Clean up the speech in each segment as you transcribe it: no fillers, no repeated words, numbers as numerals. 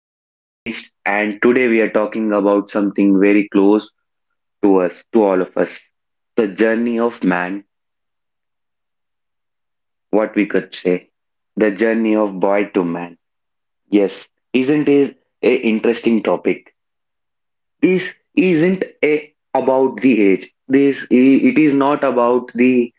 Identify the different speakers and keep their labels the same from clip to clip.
Speaker 1: I am Ganesh and today we are talking about something very close to us, to all of us. The journey of man, what we could say. The journey of boy to man. Yes, isn't it a interesting topic? This isn't a about the age. It is not about the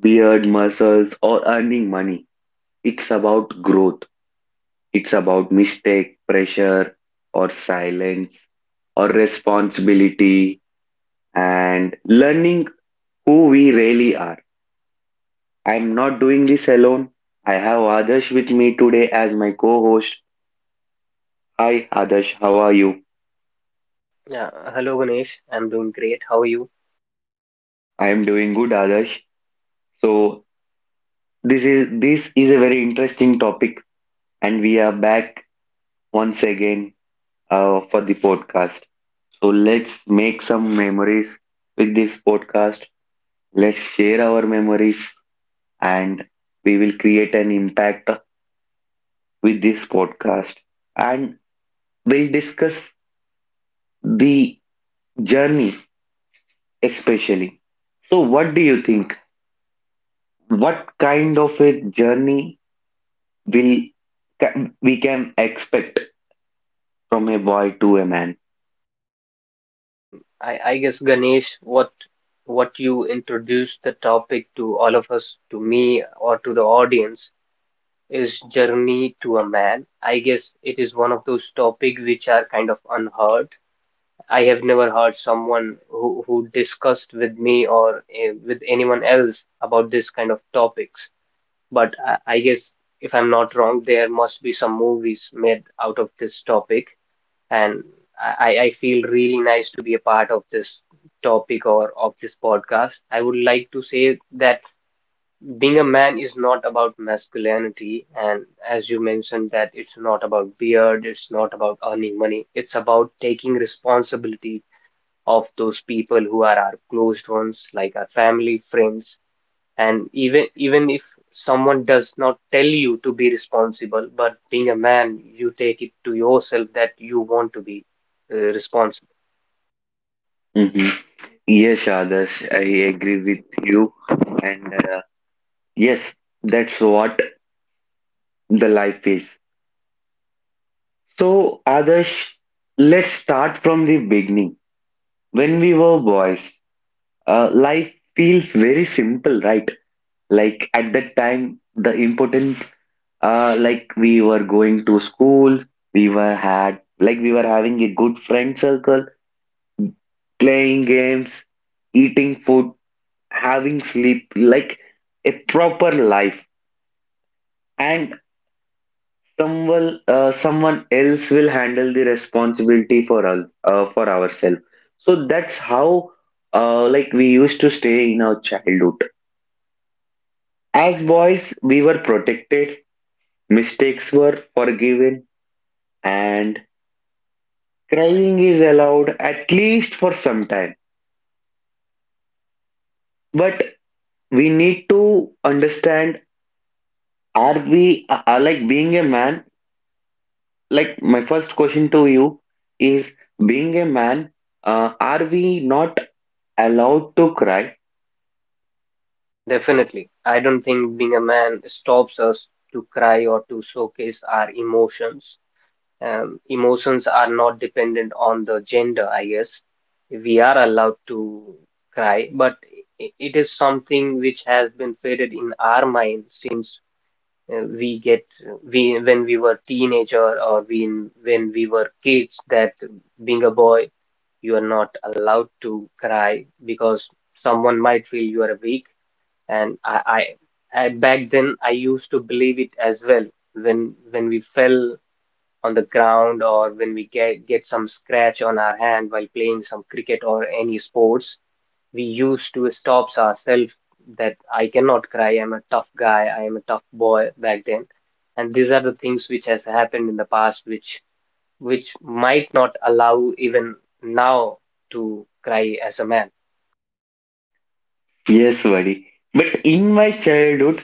Speaker 1: beard, muscles or earning money. It's about growth. It's about mistake, pressure, or silence, or responsibility, and learning who we really are. I'm not doing this alone. I have Adarsh with me today as my co host. Hi, Adarsh, how are you?
Speaker 2: Yeah, hello Ganesh. I'm doing great. How are you?
Speaker 1: I am doing good, Adarsh. So, this is a very interesting topic, and we are back once again for the podcast. So let's make some memories with this podcast. Let's share our memories and we will create an impact with this podcast and we'll discuss the journey especially. So, what do you think? What kind of a journey will we can expect from a boy to a man?
Speaker 2: Yeah, I guess Ganesh, what you introduced the topic to all of us, to me or to the audience, is journey to a man. I guess it is one of those topics which are kind of unheard. I have never heard someone who discussed with me or with anyone else about this kind of topics. But I guess if I'm not wrong, there must be some movies made out of this topic. And I feel really nice to be a part of this topic or of this podcast. I would like to say that being a man is not about masculinity, and as you mentioned, that it's not about beard, it's not about earning money, it's about taking responsibility of those people who are our closed ones, like our family, friends, and even if someone does not tell you to be responsible, but being a man, you take it to yourself that you want to be responsible.
Speaker 1: Hmm. Yes, Adarsh, I agree with you, and yes, that's what the life is. So, Adarsh, let's start from the beginning. When we were boys, life feels very simple, right? Like at that time, the important, like we were going to school, like we were having a good friend circle, playing games, eating food, having sleep, like a proper life. And someone else will handle the responsibility for us, for ourselves. So that's how, like we used to stay in our childhood. As boys, we were protected, mistakes were forgiven, and crying is allowed at least for some time. But we need to understand are we are like being a man? Like, my first question to you is being a man, are we not allowed to cry?
Speaker 2: Definitely. I don't think being a man stops us to cry or to showcase our emotions. Emotions are not dependent on the gender, I guess. We are allowed to cry, but it is something which has been faded in our mind since we get we when we were teenager or we when we were kids that being a boy you are not allowed to cry because someone might feel you are weak, and I back then I used to believe it as well when we fell on the ground or when we get some scratch on our hand while playing some cricket or any sports. We used to stops ourselves that I cannot cry, I'm a tough guy, I am a tough boy back then. And these are the things which has happened in the past which might not allow even now to cry as a man.
Speaker 1: Yes, buddy. But in my childhood,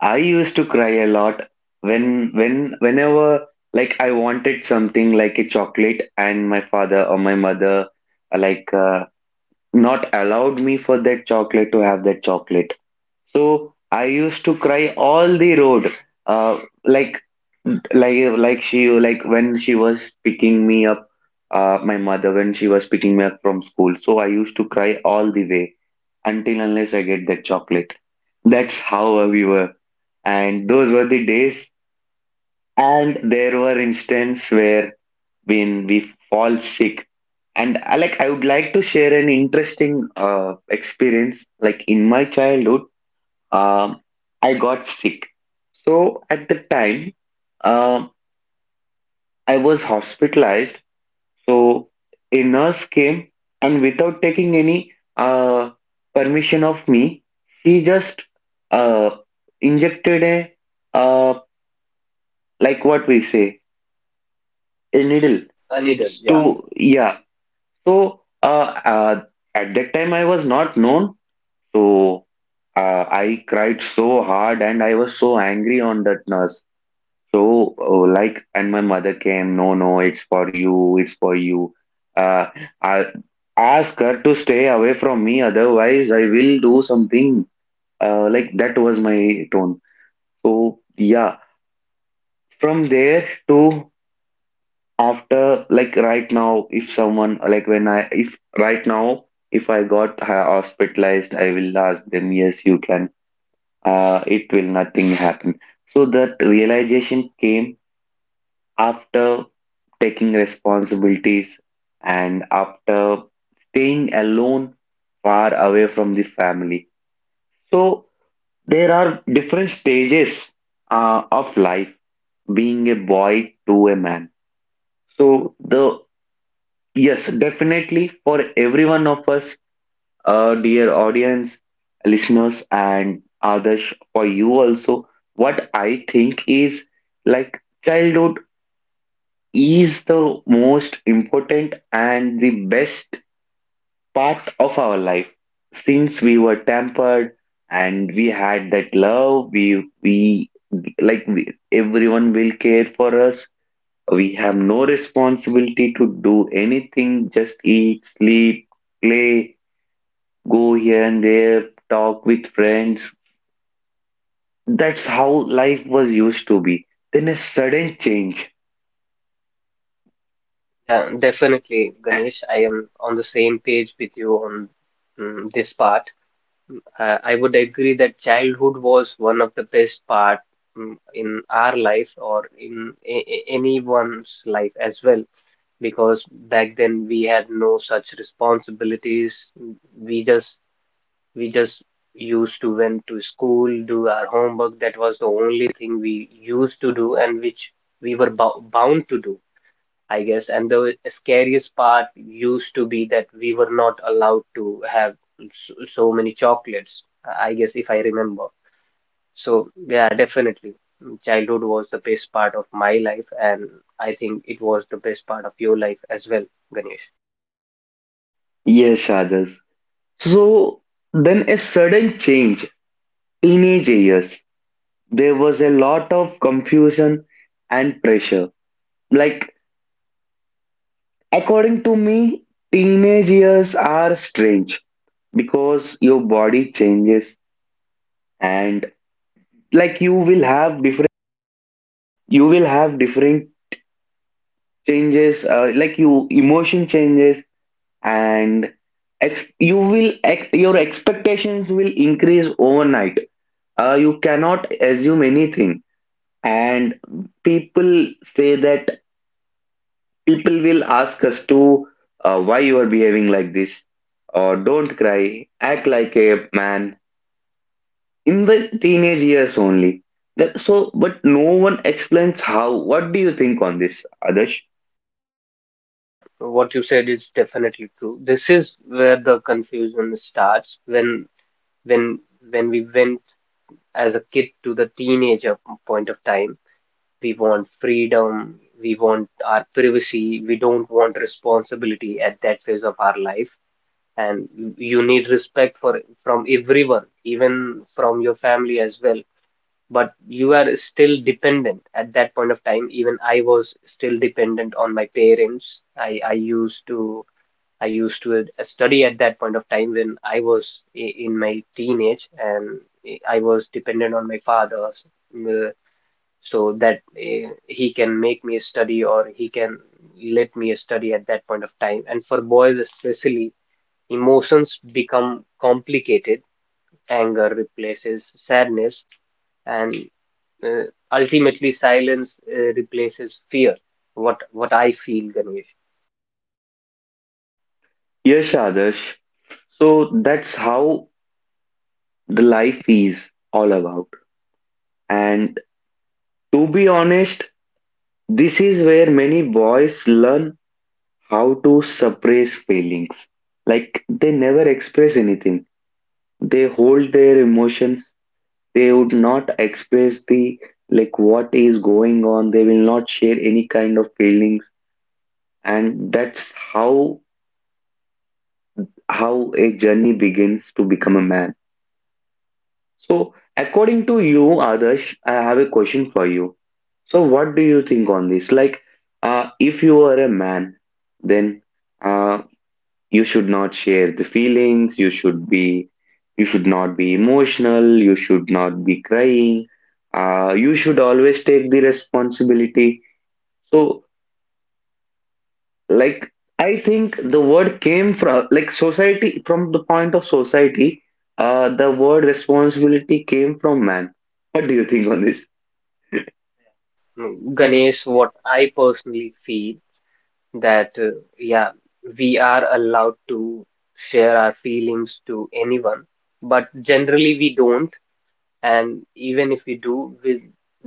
Speaker 1: I used to cry a lot when whenever like I wanted something like a chocolate and my father or my mother uh, like uh, not allowed me for that chocolate to have that chocolate. So I used to cry all the road. Uh, like like like when she was picking me up my mother when she was picking me up from school. So I used to cry all the way until unless I get that chocolate. That's how we were. And those were the days. And there were instances where when we fall sick. And I would like to share an interesting experience. Like in my childhood, um, I got sick. So at the time, um I was hospitalized. So a nurse came and without taking any permission of me, she just uh, injected a uh, like what we say a
Speaker 2: A
Speaker 1: needle
Speaker 2: needle. A needle, yeah. So
Speaker 1: to yeah. So uh, at that time I was not known, so I cried so hard and I was so angry on that nurse. So, like, and my mother came, no, no, it's for you, it's for you. Uh, I ask her to stay away from me, otherwise, I will do something. Like, that was my tone. So, yeah, from there to after, like, right now, if someone, like, when I, if right now, if I got hospitalized, I will ask them, yes, you can. It will nothing happen. So, that realization came after taking responsibilities and after staying alone far away from the family. So there are different stages of life being a boy to a man. So the yes, definitely for every one of us, dear audience, listeners, and others, for you also, what I think is like childhood is the most important and the best part of our life since we were tempered and we had that love like we, everyone will care for us. We have no responsibility to do anything, just eat, sleep, play, go here and there, talk with friends. That's how life was used to be, then a sudden change.
Speaker 2: yeah, definitely, Ganesh. I am on the same page with you on this part. I would agree that childhood was one of the best part in our life or in anyone's life as well, because back then we had no such responsibilities. We just we just used to went to school, do our homework. That was the only thing we used to do and which we were bound to do, I guess. And the scariest part used to be that we were not allowed to have so many chocolates, I guess if I remember. So yeah, definitely. Childhood was the best part of my life, and I think it was the best part of your life as well, Ganesh.
Speaker 1: Yes, Shadis. So then a sudden change, teenage years, there was a lot of confusion and pressure. Like, according to me, teenage years are strange because your body changes and like you will have different, you will have different changes, like you emotion changes and ex you will ex your expectations will increase overnight. You cannot assume anything and people say that people will ask us to why you are behaving like this or don't cry, act like a man in the teenage years only. That, so but no one explains how. What do you think on this, Adarsh?
Speaker 2: Yeah, what you said is definitely true. This is where the confusion starts when when we went as a kid to the teenager point of time. We want freedom, we want our privacy, we don't want responsibility at that phase of our life. And you need respect for from everyone, even from your family as well. But you are still dependent at that point of time. Even I was still dependent on my parents. I used to study at that point of time when I was in my teenage, and was dependent on my father, uh, so that uh, he can make me study or he can let me study at that point of time. And for boys especially, emotions become complicated. Anger replaces sadness, and uh, ultimately silence replaces fear. What I feel, Ganesh.
Speaker 1: Yes, Adarsh. So that's how the life is all about, and to be honest, this is where many boys learn how to suppress feelings. Like they never express anything. They hold their emotions. They would not express the like what is going on. They will not share any kind of feelings, and that's how how a journey begins to become a man. So, according to you, Adarsh, I have a question for you. So, what do you think on this? Like, if you are a man, then uh, you should not share the feelings you should be you should not be emotional, you should not be crying, you should always take the responsibility. So like I think the word came from like society, from the point of society. Uh, the word responsibility came from man. What do you think on this?
Speaker 2: Yeah. Ganesh, what I personally feel that yeah, we are allowed to share our feelings to anyone, but generally we don't, and even if we do with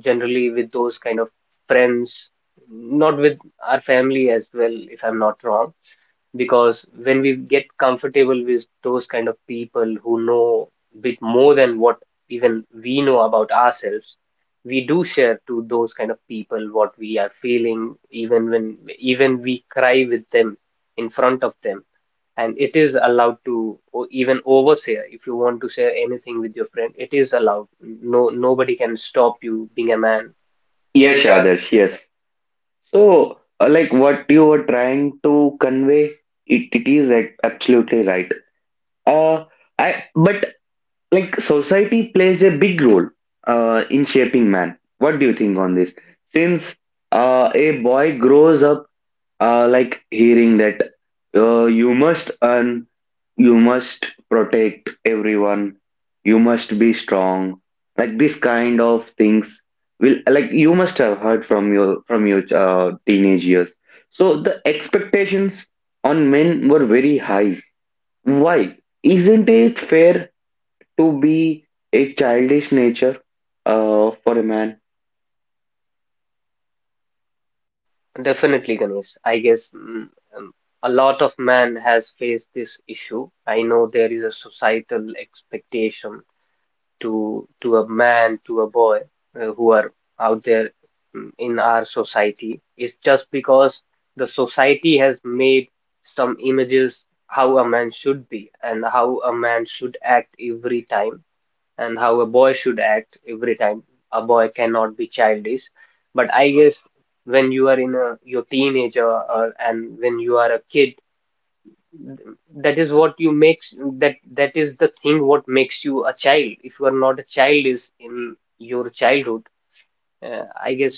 Speaker 2: generally with those kind of friends, not with our family as well, if I'm not wrong, because when we get comfortable with those kind of people who know bit more than what even we know about ourselves, we do share to those kind of people what we are feeling, even when even we cry with them, in front of them. And it is allowed to even overshare. If you want to share anything with your friend, it is allowed. No Nobody can stop you being a man.
Speaker 1: Yes, Adarsh, yes. So, like what you were trying to convey, it is absolutely right. Uh, I but Like society plays a big role in shaping man. What do you think on this? Since a boy grows up like hearing that you must earn, you must protect everyone, you must be strong. Like this kind of things will like you must have heard from your teenage years. So the expectations on men were very high. Why isn't it fair to be a childish nature for a man?
Speaker 2: Definitely, Ganesh. I guess um, a lot of man has faced this issue. I know there is a societal expectation to a man, to a boy who are out there in our society. It's just because the society has made some images how a man should be and how a man should act every time, and how a boy should act every time. A boy cannot be childish. But I guess when you are in a your teenager or and when you are a kid, th- that is what you makes that is the thing what makes you a child. If you are not a child is in your childhood, I guess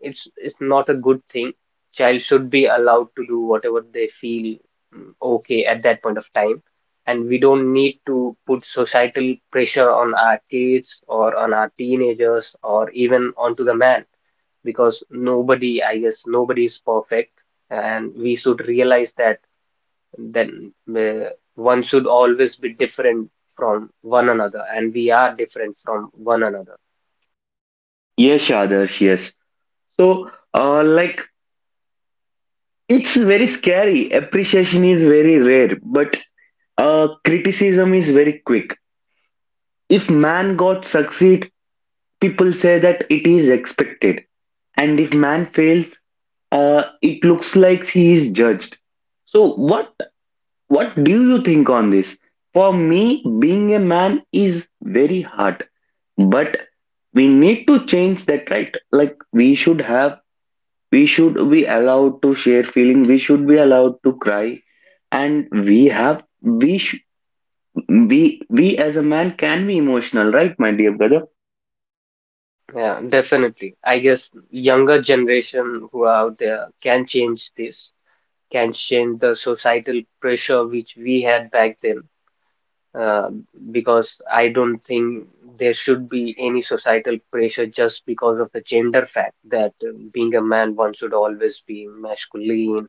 Speaker 2: it's not a good thing. Child should be allowed to do whatever they feel okay at that point of time, and we don't need to put societal pressure on our kids or on our teenagers or even onto the man, because nobody, I guess, nobody is perfect, and we should realize that. Then uh, one should always be different from one another, and we are different from one another.
Speaker 1: Yes, Adarsh, yes. So, like, it's very scary. Appreciation is very rare, but criticism is very quick. If man got succeed, people say that it is expected, and if man fails, it looks like he is judged. So, what. What do you think on this? For me, being a man is very hard, but we need to change that, right? Like we should be allowed to share feeling, we should be allowed to cry, and we as a man can be emotional, right, my dear brother?
Speaker 2: Yeah, definitely. I guess younger generation who are out there can change this, can change the societal pressure which we had back then. Uh, because I don't think there should be any societal pressure just because of the gender fact that being a man, one should always be masculine,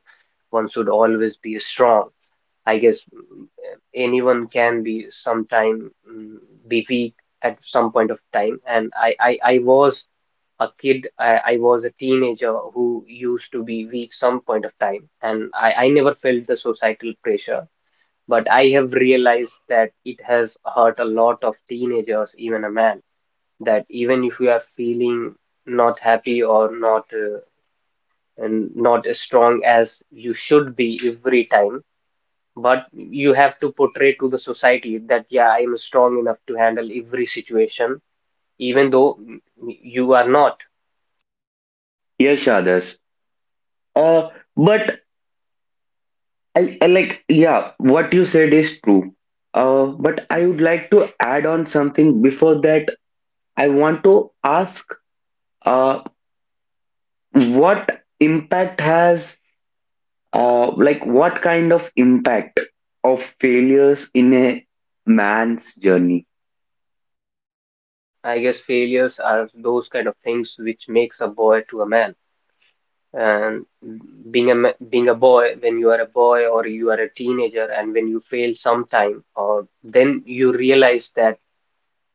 Speaker 2: one should always be strong. I guess mm, anyone can be sometime be weak at some point of time, and I was a kid, I was a teenager who used to be weak some point of time, and I never felt the societal pressure. But I have realized that it has hurt a lot of teenagers, even a man, that even if you are feeling not happy or not and not as strong as you should be every time, but you have to portray to the society that yeah, I am strong enough to handle every situation, even though you are not.
Speaker 1: Yes, others. Uh, but I like, yeah, what you said is true. But I would like to add on something. Before that I want to ask uh, what impact has like what kind of impact of failures in a man's journey?
Speaker 2: I guess failures are those kind of things which makes a boy to a man. And being a being a boy, when you are a boy or you are a teenager, and when you fail sometime, or then you realize that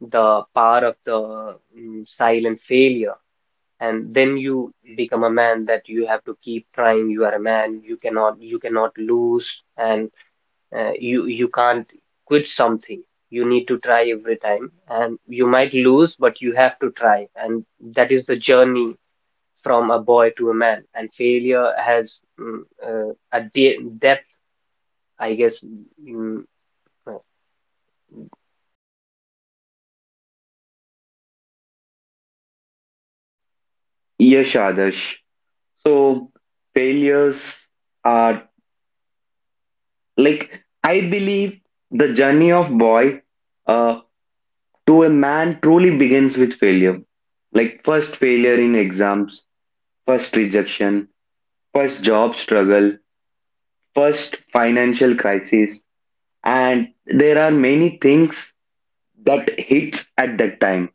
Speaker 2: the power of the silent failure, and then you become a man that you have to keep trying. You are a man. You cannot lose, and you can't quit something. You need to try every time, and you might lose, but you have to try, and that is the journey from a boy to a man. And failure has a de depth, I guess. mm,
Speaker 1: Yes, Adarsh. So failures are like I believe the journey of boy uh, to a man truly begins with failure. Like first failure in exams, first rejection, first job struggle, first financial crisis, and there are many things that hits at that time.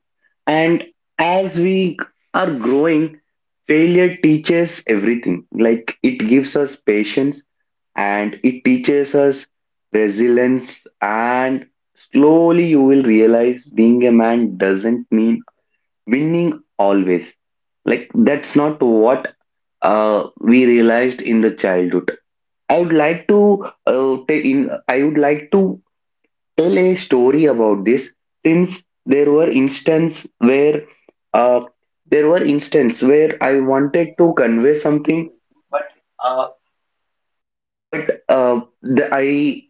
Speaker 1: And as we are growing, failure teaches everything. Like it gives us patience and it teaches us resilience. And slowly you will realize being a man doesn't mean winning always. Like that's not what we realized in the childhood. I would like to tell a story about this. Since there were instances where uh, there were instances where I wanted to convey something,
Speaker 2: Uh,
Speaker 1: but I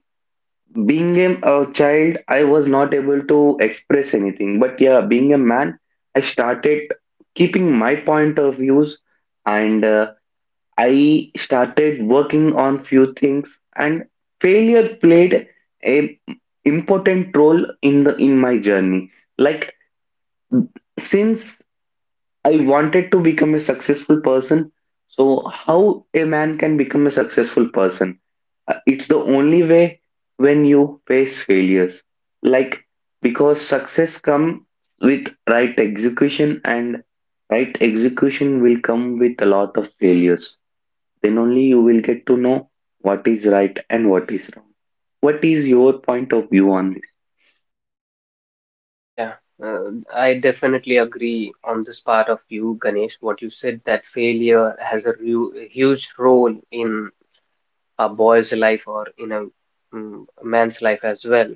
Speaker 1: being a child, I was not able to express anything. But yeah, being a man, I started keeping my point of views, and I started working on few things. And failure played a important role in the in my journey. Like since I wanted to become a successful person, so how a man can become a successful person? It's the only way, when you face failures. Like because success come with right execution, and right execution will come with a lot of failures. Then only you will get to know what is right and what is wrong. What is your point of view on this?
Speaker 2: yeah, uh, I definitely agree on this part of you, Ganesh. What you said that failure has a a huge role in a boy's life or in a a man's life as well.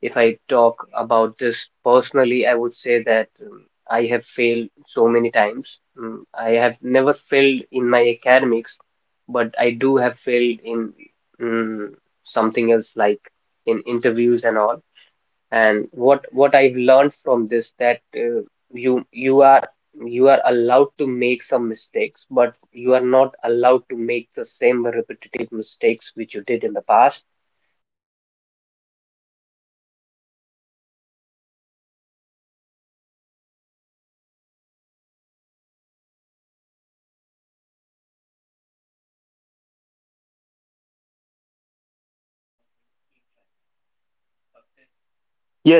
Speaker 2: If I talk about this personally, I would say that I have failed so many times. I have never failed in my academics, but I do have failed in mm, something else like in interviews and all. And what I've learned from this that you are allowed to make some mistakes, but you are not allowed to make the same repetitive mistakes which you did in the past.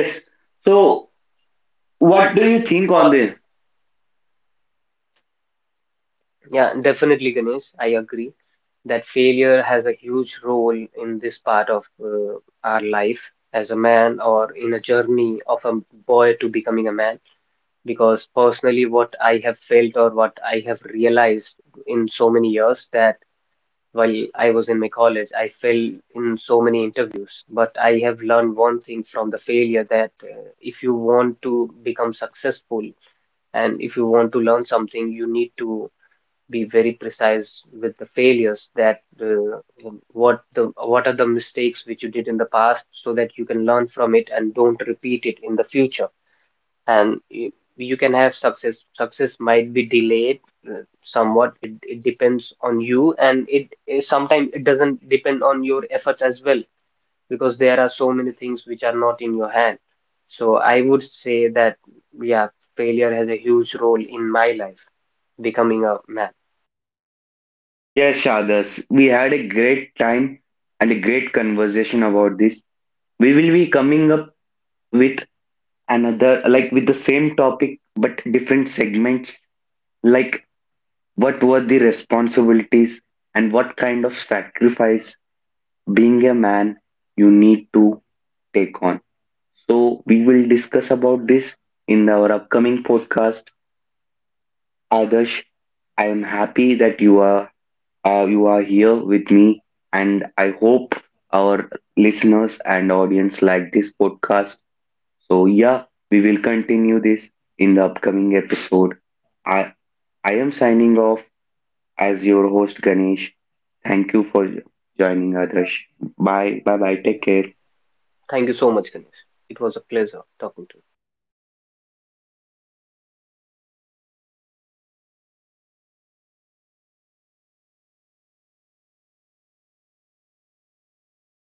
Speaker 2: Yes. So,
Speaker 1: So what
Speaker 2: what
Speaker 1: do
Speaker 2: do
Speaker 1: you
Speaker 2: you think
Speaker 1: think on
Speaker 2: on
Speaker 1: this?
Speaker 2: this? Yeah, definitely, Ganesh. I agree that failure has a huge role in this part of our life as a man or in a journey of a boy to becoming a man. Because personally what I have felt or what I have realized in so many years that while I was in my college, I failed in so many interviews, but I have learned one thing from the failure that if you want to become successful and if you want to learn something, you need to be very precise with the failures that what are the mistakes which you did in the past so that you can learn from it and don't repeat it in the future. And you can have success. Success might be delayed, somewhat it depends on you, and it, sometimes it doesn't depend on your efforts as well, because there are so many things which are not in your hand. So I would say that yeah, failure has a huge role in my life becoming a man.
Speaker 1: Yes, Adas, we had a great time and a great conversation about this. We will be coming up with another, like with the same topic but different segments, like what were the responsibilities and what kind of sacrifice being a man you need to take on. So we will discuss about this in our upcoming podcast. Adarsh, I am happy that you are, uh, you are here with me, and I hope our listeners and audience like this podcast. So, yeah, we will continue this in the upcoming episode. I, I am signing off as your host, Ganesh. Thank you for joining, Adarsh. Bye, bye, bye. Take care.
Speaker 2: Thank you so much, Ganesh. It was a pleasure talking to you.